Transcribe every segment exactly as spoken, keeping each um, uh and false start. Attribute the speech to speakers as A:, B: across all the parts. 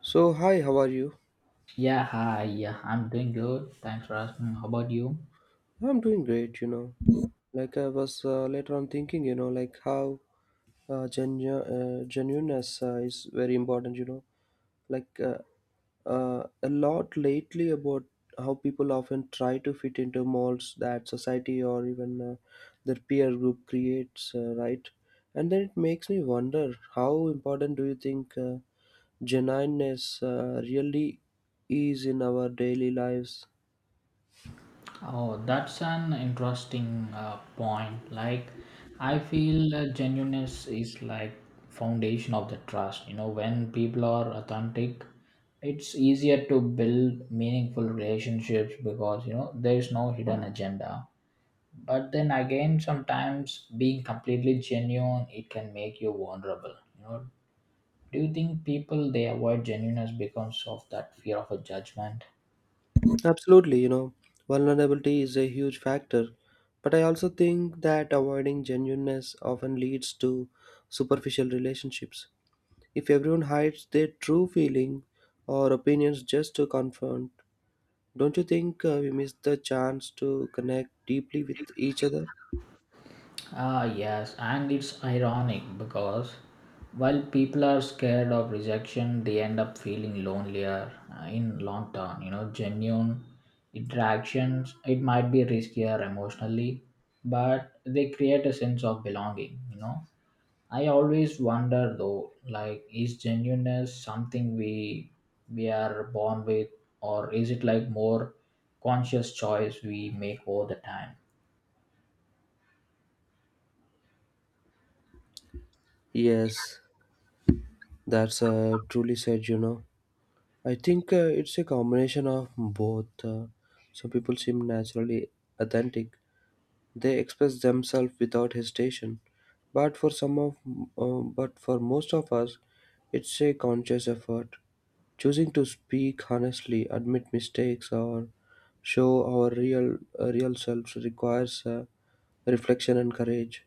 A: So, hi, how are you?
B: Yeah, hi. Yeah, I'm doing good. Thanks for asking. How about you?
A: I'm doing great, you know. Like I was uh, later on thinking, you know, like how uh, genu- uh, genuineness uh, is very important, you know. Like uh, uh, a lot lately about how people often try to fit into molds that society or even uh, their peer group creates, uh, right? And then it makes me wonder how important do you think uh, genuineness uh, really is in our daily lives?
B: Oh, that's an interesting uh, point. Like, I feel uh, genuineness is like foundation of the trust. You know, when people are authentic, it's easier to build meaningful relationships because you know there is no hidden agenda. But then again, sometimes being completely genuine, it can make you vulnerable. You know, do you think people they avoid genuineness because of that fear of a judgment?
A: Absolutely, you know, vulnerability is a huge factor, but I also think that avoiding genuineness often leads to superficial relationships. If everyone hides their true feeling or opinions just to confront, don't you think uh, we miss the chance to connect deeply with each other?
B: Ah, yes, and it's ironic because while people are scared of rejection, they end up feeling lonelier uh, in long term. You know, genuine interactions, it might be riskier emotionally, but they create a sense of belonging, you know. I always wonder though, like, is genuineness something we we are born with, or is it like more conscious choice we make all the time?
A: Yes, that's uh, truly said, you know. I think uh, it's a combination of both. Uh, some people seem naturally authentic, they express themselves without hesitation. But for some of, uh, but for most of us, it's a conscious effort, choosing to speak honestly, admit mistakes, or show our real uh, real selves requires uh, reflection and courage.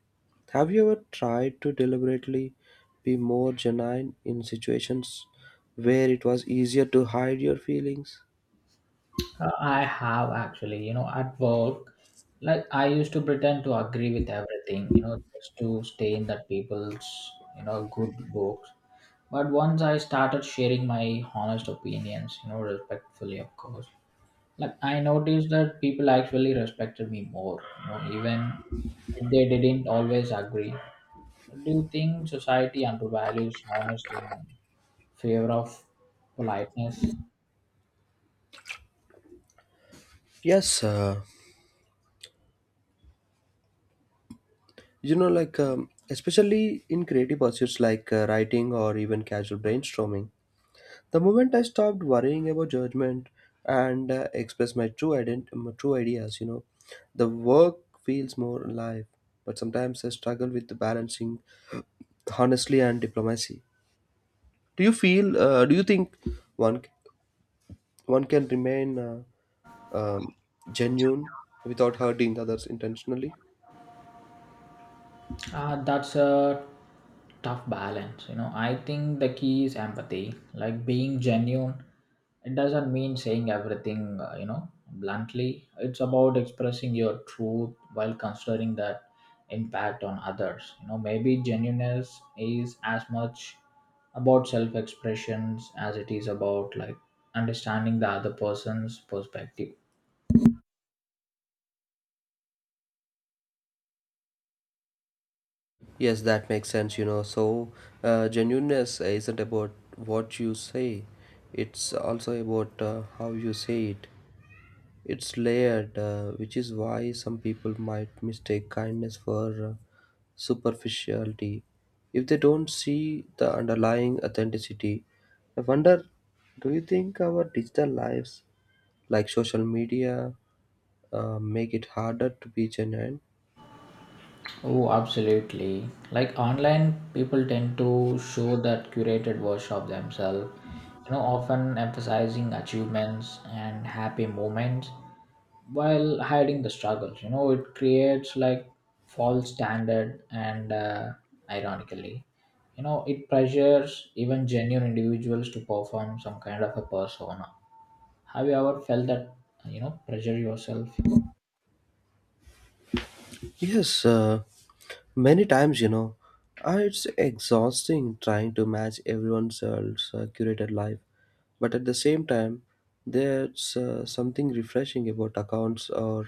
A: Have you ever tried to deliberately be more genuine in situations where it was easier to hide your feelings?
B: Uh, I have actually, you know, at work, like I used to pretend to agree with everything, you know, just to stay in that people's, you know, good books. But once I started sharing my honest opinions, you know, respectfully, of course, like I noticed that people actually respected me more, you know, even if they didn't always agree. Do you think society undervalues honesty in favor of politeness?
A: Yes, uh, you know, like um, especially in creative pursuits like uh, writing or even casual brainstorming. The moment I stopped worrying about judgment and uh, express my true ident- my true ideas, you know, the work feels more alive. But sometimes I struggle with the balancing honestly and diplomacy. Do you feel? Uh, do you think one one can remain uh, um, genuine without hurting others intentionally?
B: Uh, that's a tough balance. You know, I think the key is empathy, like being genuine. It doesn't mean saying everything, uh, you know, bluntly. It's about expressing your truth while considering that impact on others. You know, maybe genuineness is as much about self expressions as it is about like understanding the other person's perspective.
A: Yes, that makes sense, you know. So, uh, genuineness isn't about what you say, it's also about uh, how you say it. It's layered, uh, which is why some people might mistake kindness for uh, superficiality if they don't see the underlying authenticity. I wonder, do you think our digital lives, like social media, uh, make it harder to be genuine?
B: Oh, absolutely. Like online, people tend to show that curated version of themselves, you know, often emphasizing achievements and happy moments while hiding the struggles. You know, it creates like false standard and uh, ironically, you know, it pressures even genuine individuals to perform some kind of a persona. Have you ever felt that, you know, pressure yourself?
A: Yes, uh, many times, you know, uh, it's exhausting trying to match everyone else's uh, curated life. But at the same time, there's uh, something refreshing about accounts or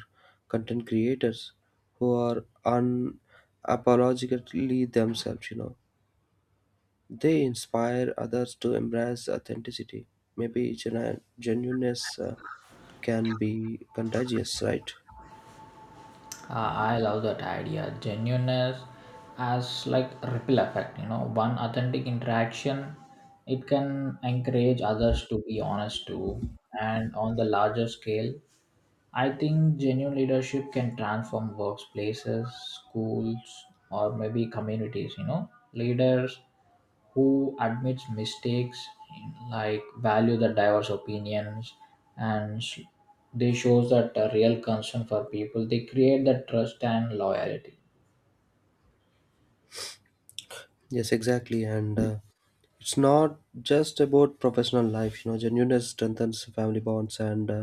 A: content creators who are unapologetically themselves, you know. They inspire others to embrace authenticity. Maybe genu- genuineness uh, can be contagious, right?
B: Uh, I love that idea. Genuineness as like ripple effect, you know, one authentic interaction, it can encourage others to be honest too. And on the larger scale, I think genuine leadership can transform workplaces, schools, or maybe communities, you know, leaders who admits mistakes, like value the diverse opinions, and sh- they shows that a real concern for people. They create the trust and loyalty.
A: Yes, exactly. And uh, it's not just about professional life, you know, genuineness strengthens family bonds and uh,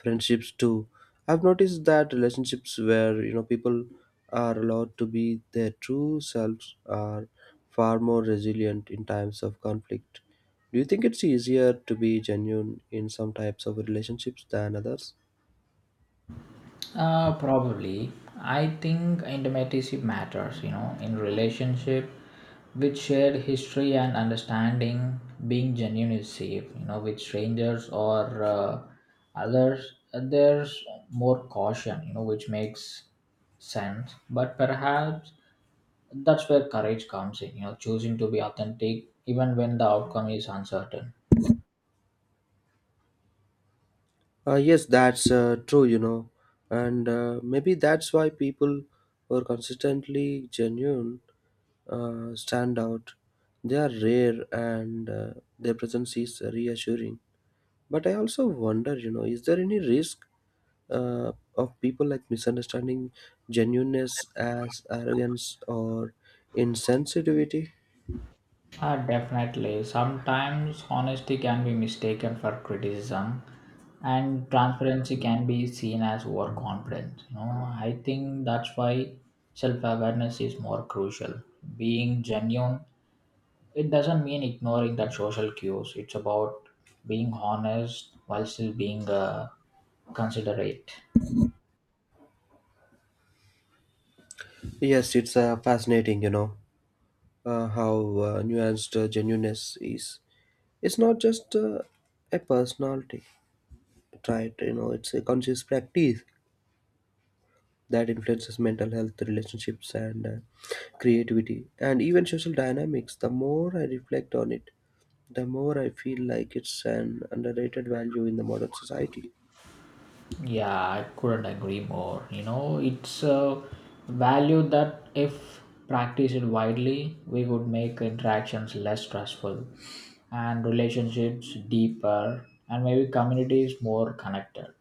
A: friendships too. I've noticed that relationships where, you know, people are allowed to be their true selves are far more resilient in times of conflict. Do you think it's easier to be genuine in some types of relationships than others?
B: Uh, probably. I think intimacy matters, you know, in relationship with shared history and understanding, being genuine is safe, you know, with strangers or uh, others, uh, there's more caution, you know, which makes sense. But perhaps that's where courage comes in, you know, choosing to be authentic even when the outcome is uncertain.
A: Uh, yes, that's uh, true, you know, and uh, maybe that's why people who are consistently genuine uh, stand out. They are rare and uh, their presence is reassuring. But I also wonder, you know, is there any risk uh, of people like misunderstanding genuineness as arrogance or insensitivity?
B: Ah, definitely. Sometimes honesty can be mistaken for criticism, and transparency can be seen as overconfidence. You know, I think that's why self-awareness is more crucial. Being genuine, it doesn't mean ignoring that social cues. It's about being honest while still being uh, considerate.
A: Yes, it's uh, fascinating, you know, uh, how uh, nuanced uh, genuineness is. It's not just uh, a personality trait, you know, it's a conscious practice that influences mental health, relationships, and uh, creativity, and even social dynamics. The more I reflect on it, the more I feel like it's an underrated value in the modern society.
B: Yeah, I couldn't agree more. You know, it's a value that if practiced widely, we would make interactions less stressful and relationships deeper and maybe communities more connected.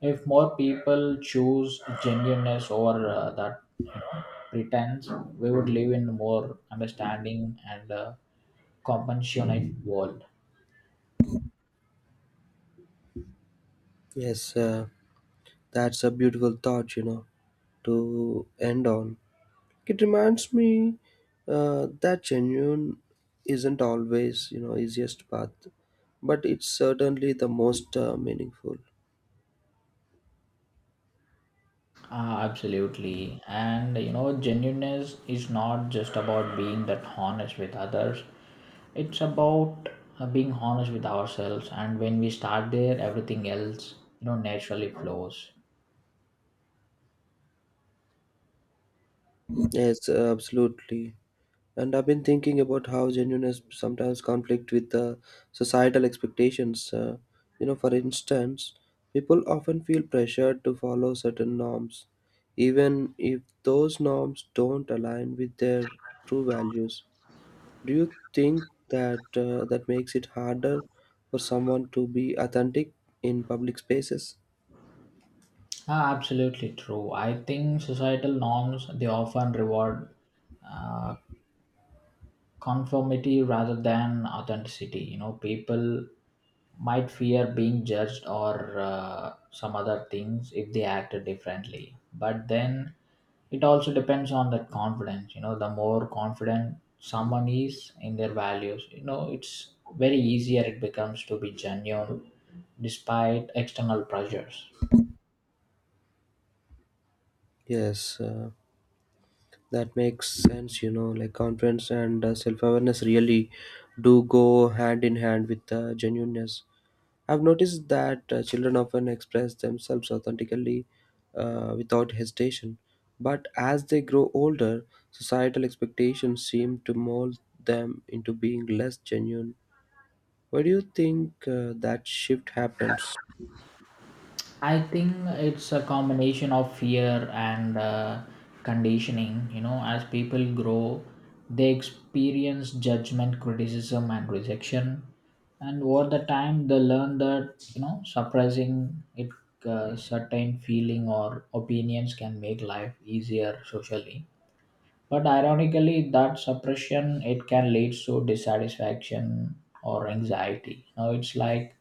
B: If more people choose genuineness over uh, that you know, pretense, we would live in a more understanding and uh, compassionate world.
A: Yes, uh, that's a beautiful thought, you know, to end on. It reminds me uh, that genuine isn't always, you know, easiest path, but it's certainly the most uh, meaningful.
B: Ah, absolutely. And you know, genuineness is not just about being that honest with others. It's about uh, being honest with ourselves. And when we start there, everything else, you know, naturally flows.
A: Yes, absolutely. And I've been thinking about how genuineness sometimes conflict with the societal expectations. Uh, you know, for instance, people often feel pressured to follow certain norms, even if those norms don't align with their true values. Do you think that uh, that makes it harder for someone to be authentic in public spaces?
B: Ah, absolutely true. I think societal norms they often reward uh, conformity rather than authenticity. You know, people might fear being judged or uh, some other things if they acted differently but then it also depends on that confidence, you know, the more confident someone is in their values, you know, it's very easier it becomes to be genuine despite external pressures.
A: Yes, uh, that makes sense, you know, like confidence and uh, self-awareness really do go hand in hand with uh, genuineness. I've noticed that uh, children often express themselves authentically uh, without hesitation, but as they grow older, societal expectations seem to mold them into being less genuine. Why do you think uh, that shift happens?
B: I think it's a combination of fear and uh, conditioning. You know, as people grow, they experience judgment, criticism, and rejection. And over the time, they learn that, you know, suppressing it, uh, certain feeling or opinions can make life easier socially. But ironically, that suppression, it can lead to dissatisfaction or anxiety. You know, it's like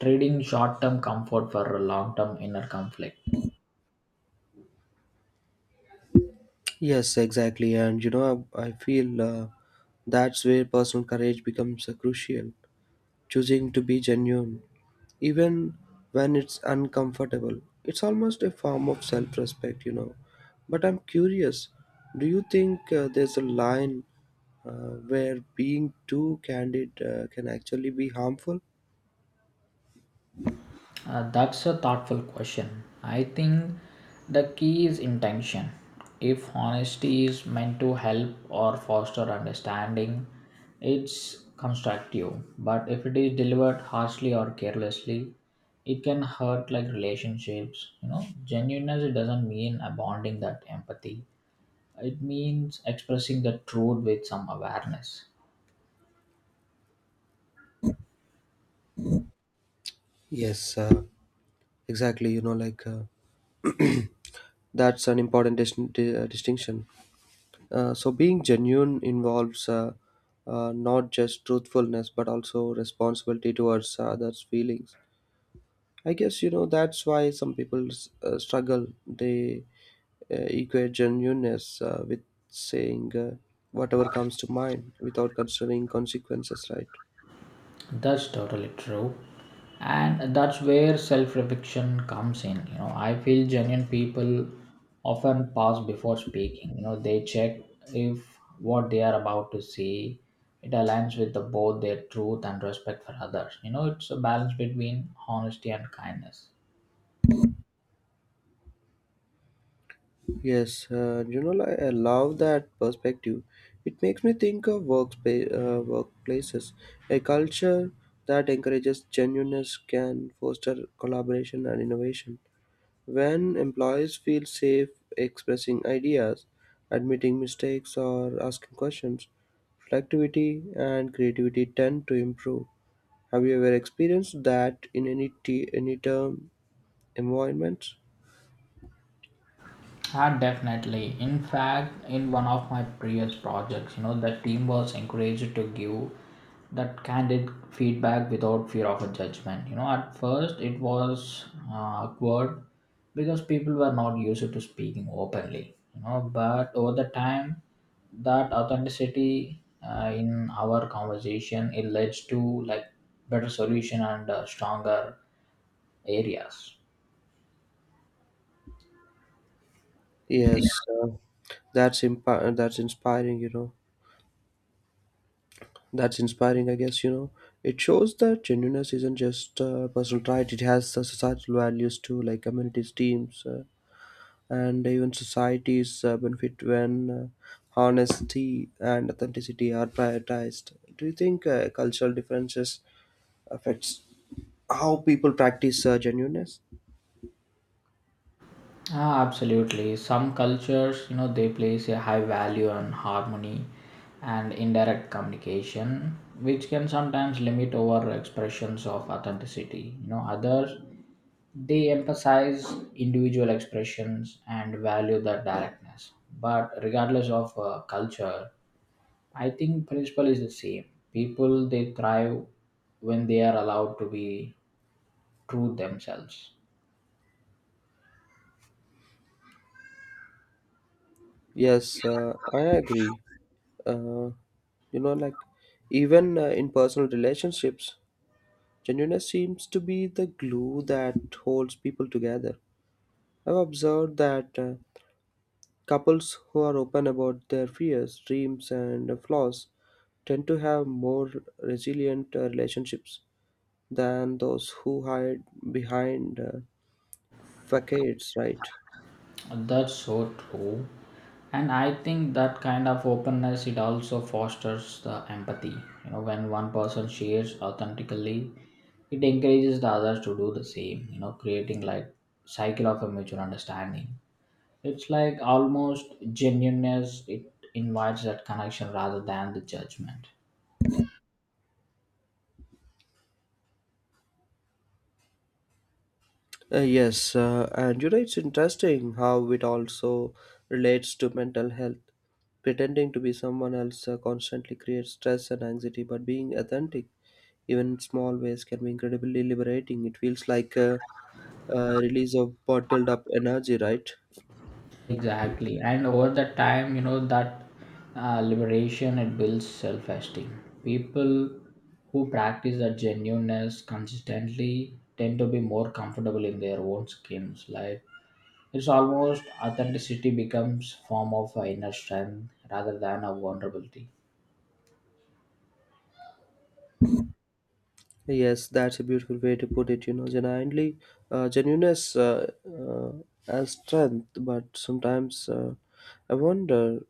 B: trading short-term comfort for a long-term inner conflict?
A: Yes, exactly. And you know i, I feel uh, that's where personal courage becomes uh, crucial, choosing to be genuine, even when it's uncomfortable. It's almost a form of self respect, you know. But I'm curious, do you think uh, there's a line uh, where being too candid uh, can actually be harmful?
B: Uh, that's a thoughtful question. I think the key is intention. If honesty is meant to help or foster understanding, it's constructive. But if it is delivered harshly or carelessly, it can hurt like relationships. You know, genuineness it doesn't mean abandoning that empathy. It means expressing the truth with some awareness.
A: Yes, uh, exactly. You know, like uh, that's an important dis- di- uh, distinction. Uh, so, being genuine involves uh, uh, not just truthfulness but also responsibility towards others' feelings. I guess you know that's why some people s- uh, struggle. They uh, equate genuineness uh, with saying uh, whatever comes to mind without considering consequences, right?
B: That's totally true. And that's where self reflection comes in. You know, I feel genuine people often pause before speaking. You know, they check if what they are about to say it aligns with the, both their truth and respect for others. You know, it's a balance between honesty and kindness.
A: Yes, uh, you know, like, I love that perspective. It makes me think of workspace, uh, workplaces. A culture that encourages genuineness can foster collaboration and innovation. When employees feel safe expressing ideas, admitting mistakes, or asking questions, productivity and creativity tend to improve. Have you ever experienced that in any t- any term environments?
B: Ah, definitely. In fact, in one of my previous projects, you know, the team was encouraged to give that candid feedback without fear of a judgment. You know, at first it was uh, awkward because people were not used to speaking openly. You know, but over the time, that authenticity uh, in our conversation it leads to like better solution and uh, stronger areas.
A: Yes, uh, that's impa- that's inspiring. You know, that's inspiring. I guess you know it shows that genuineness isn't just a personal trait; it has the societal values too, like communities, teams. Uh, and even societies uh, benefit when uh, honesty and authenticity are prioritized. Do you think uh, cultural differences affects how people practice uh, genuineness?
B: Ah, absolutely. Some cultures, you know, they place a high value on harmony and indirect communication, which can sometimes limit over expressions of authenticity. You know, others they emphasize individual expressions and value the directness. But regardless of uh, culture, I think principle is the same. People they thrive when they are allowed to be true themselves.
A: Yes, uh, I agree. Uh, you know, like even uh, in personal relationships, genuineness seems to be the glue that holds people together. I've observed that uh, couples who are open about their fears, dreams, and flaws tend to have more resilient uh, relationships than those who hide behind uh, facades, right?
B: That's so true. And I think that kind of openness it also fosters the empathy. You know, when one person shares authentically, it encourages the others to do the same, you know, creating like cycle of a mutual understanding. It's like almost genuineness, it invites that connection rather than the judgment.
A: Uh, yes, uh, and you know, it's interesting how it also relates to mental health. Pretending to be someone else uh, constantly creates stress and anxiety, but being authentic, even in small ways, can be incredibly liberating. It feels like a, a release of bottled up energy, right?
B: Exactly. And over the time, you know, that uh, liberation, it builds self esteem. People who practice that genuineness consistently tend to be more comfortable in their own skins. Like, it's almost authenticity becomes form of uh, inner strength rather than a vulnerability.
A: Yes, that's a beautiful way to put it. You know, genuinely, uh, genuineness uh, uh, as strength, but sometimes uh, I wonder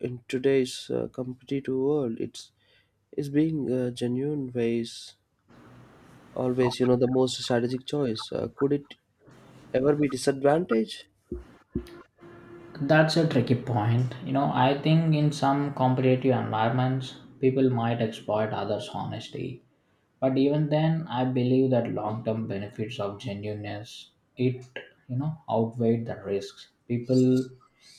A: in today's uh, competitive world, it's is being uh, genuine ways always you know the most strategic choice. Uh, could it ever be disadvantage?
B: That's a tricky point. You know, I think in some competitive environments, people might exploit others' honesty. But even then, I believe that long-term benefits of genuineness it you know outweigh the risks. People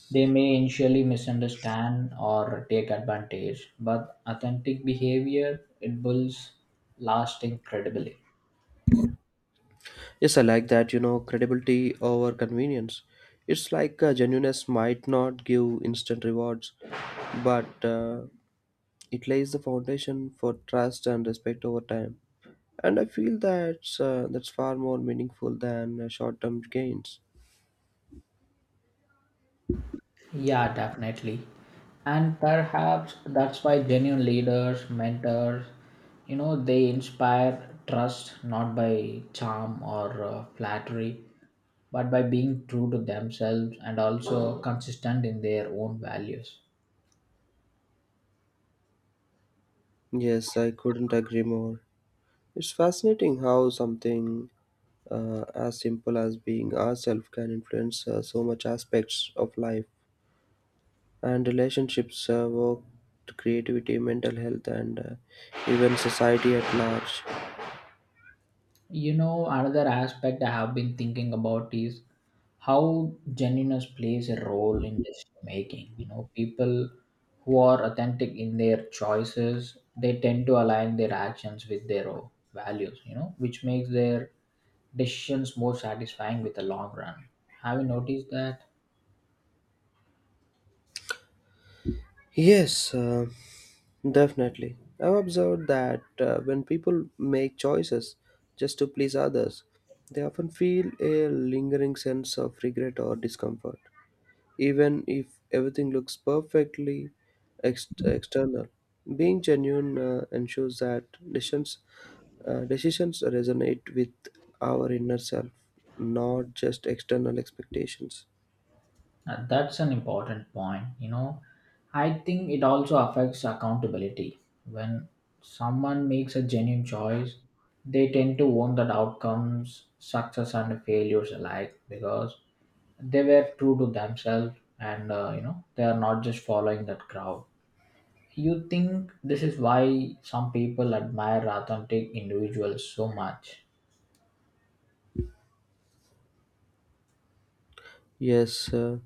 B: they may initially misunderstand or take advantage, but authentic behavior it builds lasting credibility.
A: Yes, I like that. You know, credibility over convenience. It's like uh, genuineness might not give instant rewards, but uh, it lays the foundation for trust and respect over time. And I feel that's, uh, that's far more meaningful than uh, short term gains.
B: Yeah, definitely. And perhaps that's why genuine leaders, mentors, you know, they inspire trust not by charm or uh, flattery, but by being true to themselves and also consistent in their own values.
A: Yes, I couldn't agree more. It's fascinating how something uh, as simple as being ourselves can influence uh, so much aspects of life and relationships, uh, work, creativity, mental health, and uh, even society at large.
B: You know, another aspect I have been thinking about is how genuineness plays a role in decision making. You know, people who are authentic in their choices, they tend to align their actions with their own values, you know, which makes their decisions more satisfying with the long run. Have you noticed that?
A: Yes, uh, definitely. I've observed that uh, when people make choices just to please others, they often feel a lingering sense of regret or discomfort, even if everything looks perfectly ex- external. Being genuine uh, ensures that decisions, uh, decisions resonate with our inner self, not just external expectations.
B: Uh, that's an important point. You know, I think it also affects accountability. When someone makes a genuine choice, they tend to want that outcomes, success and failures alike, because they were true to themselves and uh, you know they are not just following that crowd. You think this is why some people admire authentic individuals so much?
A: Yes, uh,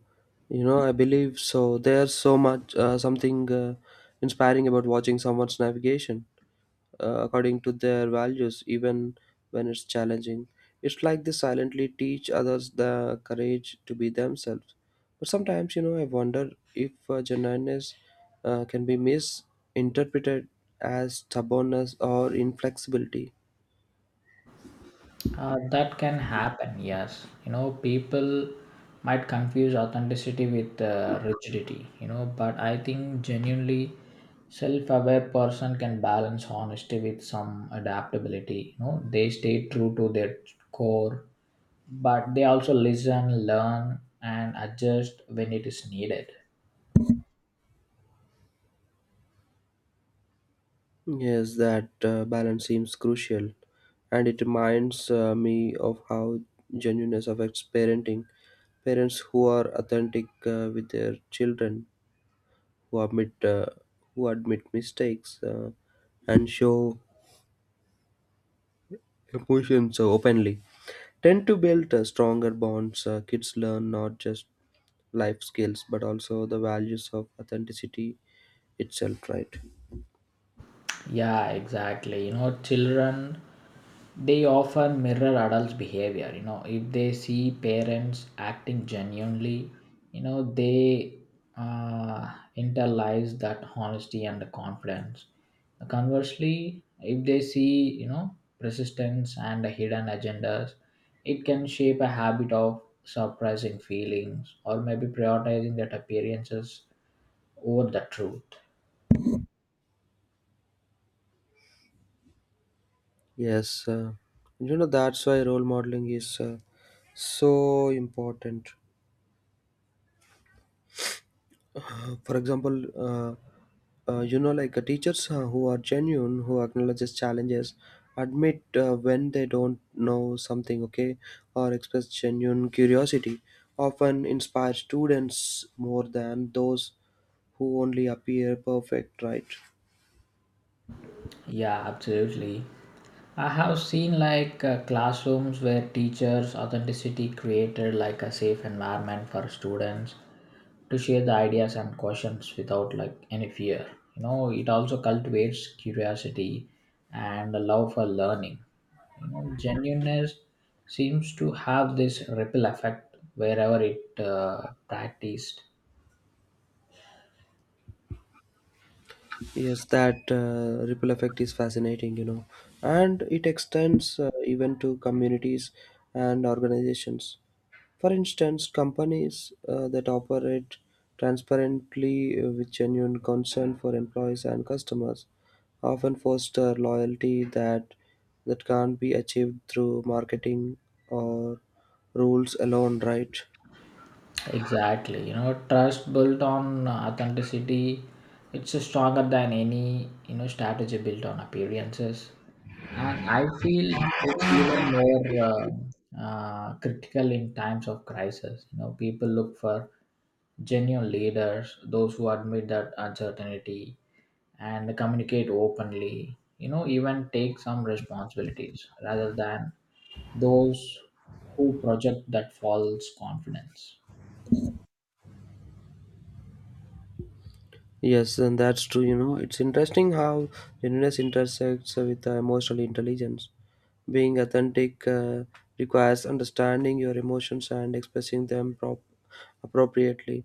A: you know, I believe so. There's so much uh, something uh, inspiring about watching someone's navigation uh, according to their values, even when it's challenging. It's like they silently teach others the courage to be themselves. But sometimes, you know, I wonder if uh, genuineness uh, can be misinterpreted as stubbornness or inflexibility.
B: Uh, that can happen, yes. You know, people might confuse authenticity with uh, rigidity, you know, but I think genuinely self aware person can balance honesty with some adaptability. You know, they stay true to their core, but they also listen, learn, and adjust when it is needed.
A: Yes, that uh, balance seems crucial, and it reminds uh, me of how genuineness affects parenting. Parents who are authentic uh, with their children, who admit uh, who admit mistakes, uh, and show emotions so openly, tend to build uh, stronger bonds. Uh, kids learn not just life skills but also the values of authenticity itself. Right?
B: Yeah, exactly. You know, children they often mirror adults' behavior. You know, if they see parents acting genuinely, you know, they uh, internalize that honesty and the confidence. Conversely, if they see, you know, persistence and hidden agendas, it can shape a habit of suppressing feelings or maybe prioritizing that appearances over the truth.
A: Yes, uh, you know that's why role modeling is uh, so important. Uh, For example, uh, uh, you know, like uh, teachers uh, who are genuine, who acknowledges challenges, admit uh, when they don't know something, okay, or express genuine curiosity, often inspire students more than those who only appear perfect, right?
B: Yeah, absolutely. I have seen like uh, classrooms where teachers' authenticity created like a safe environment for students to share the ideas and questions without like any fear. You know, it also cultivates curiosity and a love for learning. You know, genuineness seems to have this ripple effect wherever it uh, practiced.
A: Yes, that uh, ripple effect is fascinating, you know, and it extends uh, even to communities and organizations. For instance, companies uh, that operate transparently uh, with genuine concern for employees and customers often foster loyalty that that can't be achieved through marketing or rules alone, right?
B: Exactly. You know, trust built on authenticity, it's stronger than any, you know, strategy built on appearances. And I feel it's even more um uh, critical in times of crisis. You know, people look for genuine leaders, those who admit that uncertainty and communicate openly, you know, even take some responsibilities rather than those who project that false confidence.
A: Yes, and that's true. You know, it's interesting how genuineness intersects with uh, emotional intelligence. Being authentic uh, requires understanding your emotions and expressing them prop- appropriately.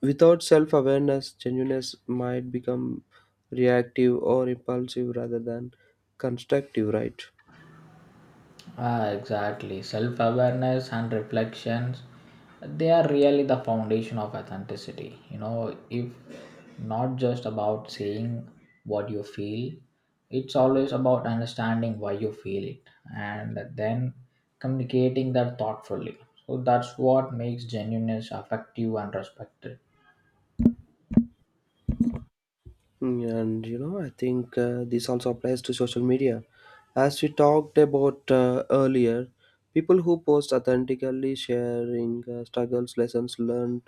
A: Without self awareness, genuineness might become reactive or impulsive rather than constructive, right?
B: Ah, exactly. Self awareness and reflections, they are really the foundation of authenticity. You know, if not just about saying what you feel, it's always about understanding why you feel it and then communicating that thoughtfully. So that's what makes genuineness effective and respected.
A: Mm, and you know, I think uh, this also applies to social media. As we talked about uh, earlier, people who post authentically sharing uh, struggles, lessons learned,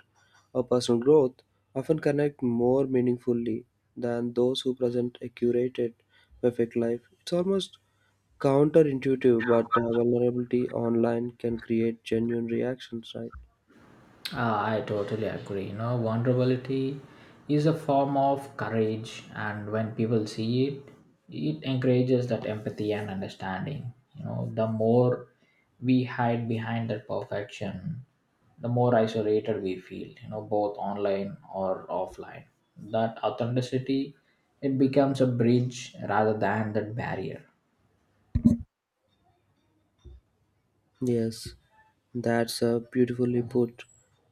A: or personal growth often connect more meaningfully than those who present a curated, perfect life. It's almost counterintuitive, but uh, vulnerability online can create genuine reactions, right?
B: Ah, I totally agree. You know, vulnerability is a form of courage, and when people see it, it encourages that empathy and understanding. You know, the more we hide behind that perfection, the more isolated we feel, you know, both online or offline. That authenticity, it becomes a bridge rather than that barrier.
A: Yes, that's uh, beautifully put.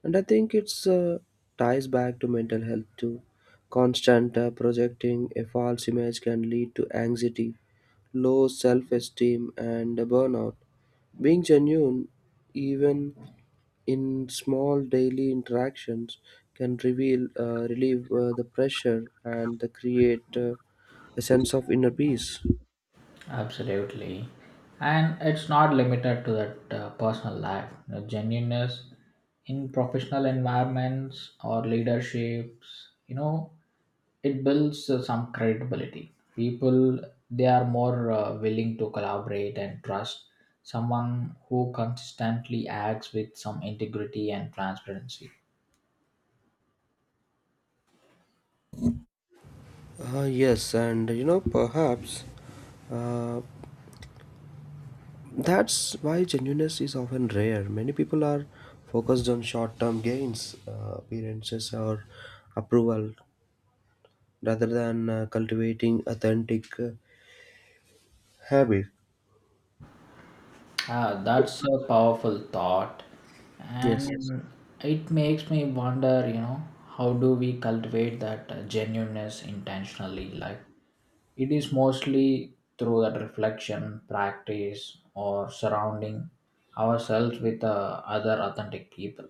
A: And I think it's uh, ties back to mental health too. Constant uh, projecting a false image can lead to anxiety, low self esteem, and burnout. Being genuine, even in small daily interactions, can reveal, uh, relieve uh, the pressure and uh, create uh, a sense of inner peace.
B: Absolutely. And it's not limited to that uh, personal life. You know, genuineness in professional environments or leaderships, you know, it builds uh, some credibility. People, they are more uh, willing to collaborate and trust someone who consistently acts with some integrity and transparency.
A: Uh, yes, and you know, perhaps. Uh, That's why genuineness is often rare. Many people are focused on short term gains, uh, appearances, or approval rather than uh, cultivating authentic uh, habit.
B: Ah, that's a powerful thought. Yes, and
A: Yes.
B: yes, it makes me wonder, you know, how do we cultivate that uh, genuineness intentionally? Like, it is mostly through that reflection, practice, or surrounding ourselves with uh, other authentic people.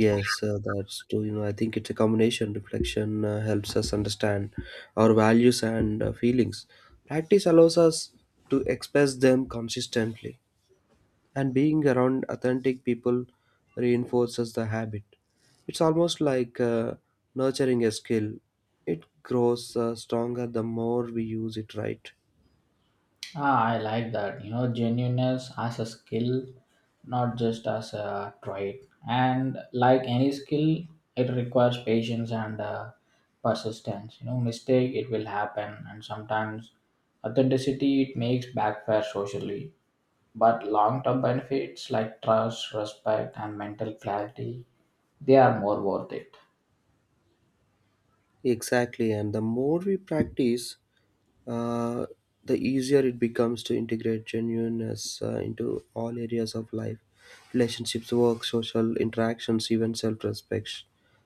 A: Yes, uh, that's true. You know, I think it's a combination. Reflection uh, helps us understand our values and uh, feelings. Practice allows us to express them consistently, and being around authentic people reinforces the habit. It's almost like uh, nurturing a skill, it grows uh, stronger the more we use it, right.
B: Ah, I like that. You know, genuineness as a skill, not just as a trait. And like any skill, it requires patience and uh, persistence. You know, mistake it will happen, and sometimes authenticity it makes backfire socially. But long-term benefits like trust, respect, and mental clarity, they are more worth it.
A: Exactly, and the more we practice, uh, the easier it becomes to integrate genuineness uh, into all areas of life: relationships, work, social interactions, even self-respect.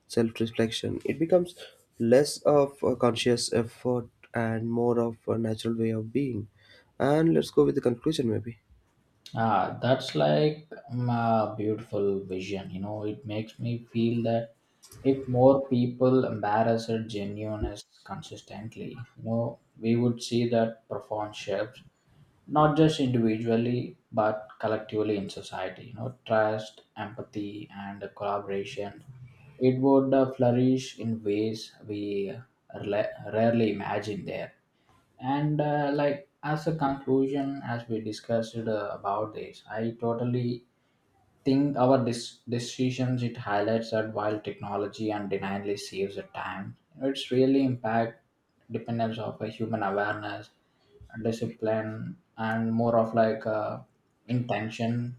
A: Self-reflection, it becomes less of a conscious effort and more of a natural way of being. And let's go with the conclusion, maybe.
B: Ah, that's like um, a beautiful vision. You know, it makes me feel that if more people embarrass their genuineness consistently, you know, we would see that profound shifts, not just individually but collectively in society. You know, trust, empathy, and collaboration. It would uh, flourish in ways we uh, rela- rarely imagine there. And uh, like as a conclusion, as we discussed uh, about this, I totally think our dis- decisions it highlights that while technology undeniably saves the time, it's really impact dependence of a human awareness, discipline, and more of like uh, intention.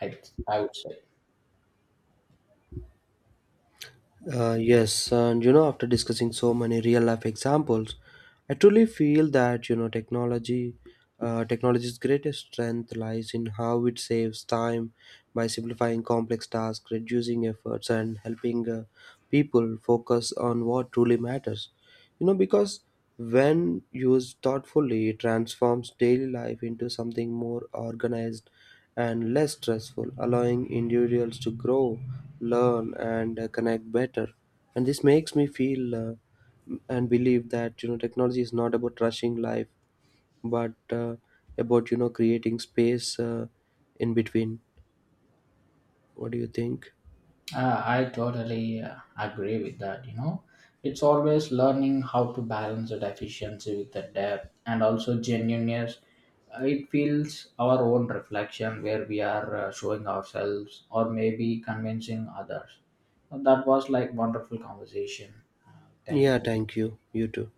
B: I I would say.
A: Uh, yes, and you know, after discussing so many real life examples, I truly feel that you know technology, uh, technology's greatest strength lies in how it saves time by simplifying complex tasks, reducing efforts, and helping uh, people focus on what truly matters. You know, because when used thoughtfully, it transforms daily life into something more organized and less stressful, allowing individuals to grow, learn, and uh, connect better. And this makes me feel uh, and believe that you know technology is not about rushing life, but uh, about you know creating space uh, in between. What do you think?
B: Uh, I totally uh, agree with that. You know, it's always learning how to balance the efficiency with the depth and also genuineness. Uh, It feels our own reflection where we are uh, showing ourselves or maybe convincing others. That was like wonderful conversation. Uh, thank you.
A: Yeah, thank you. You too.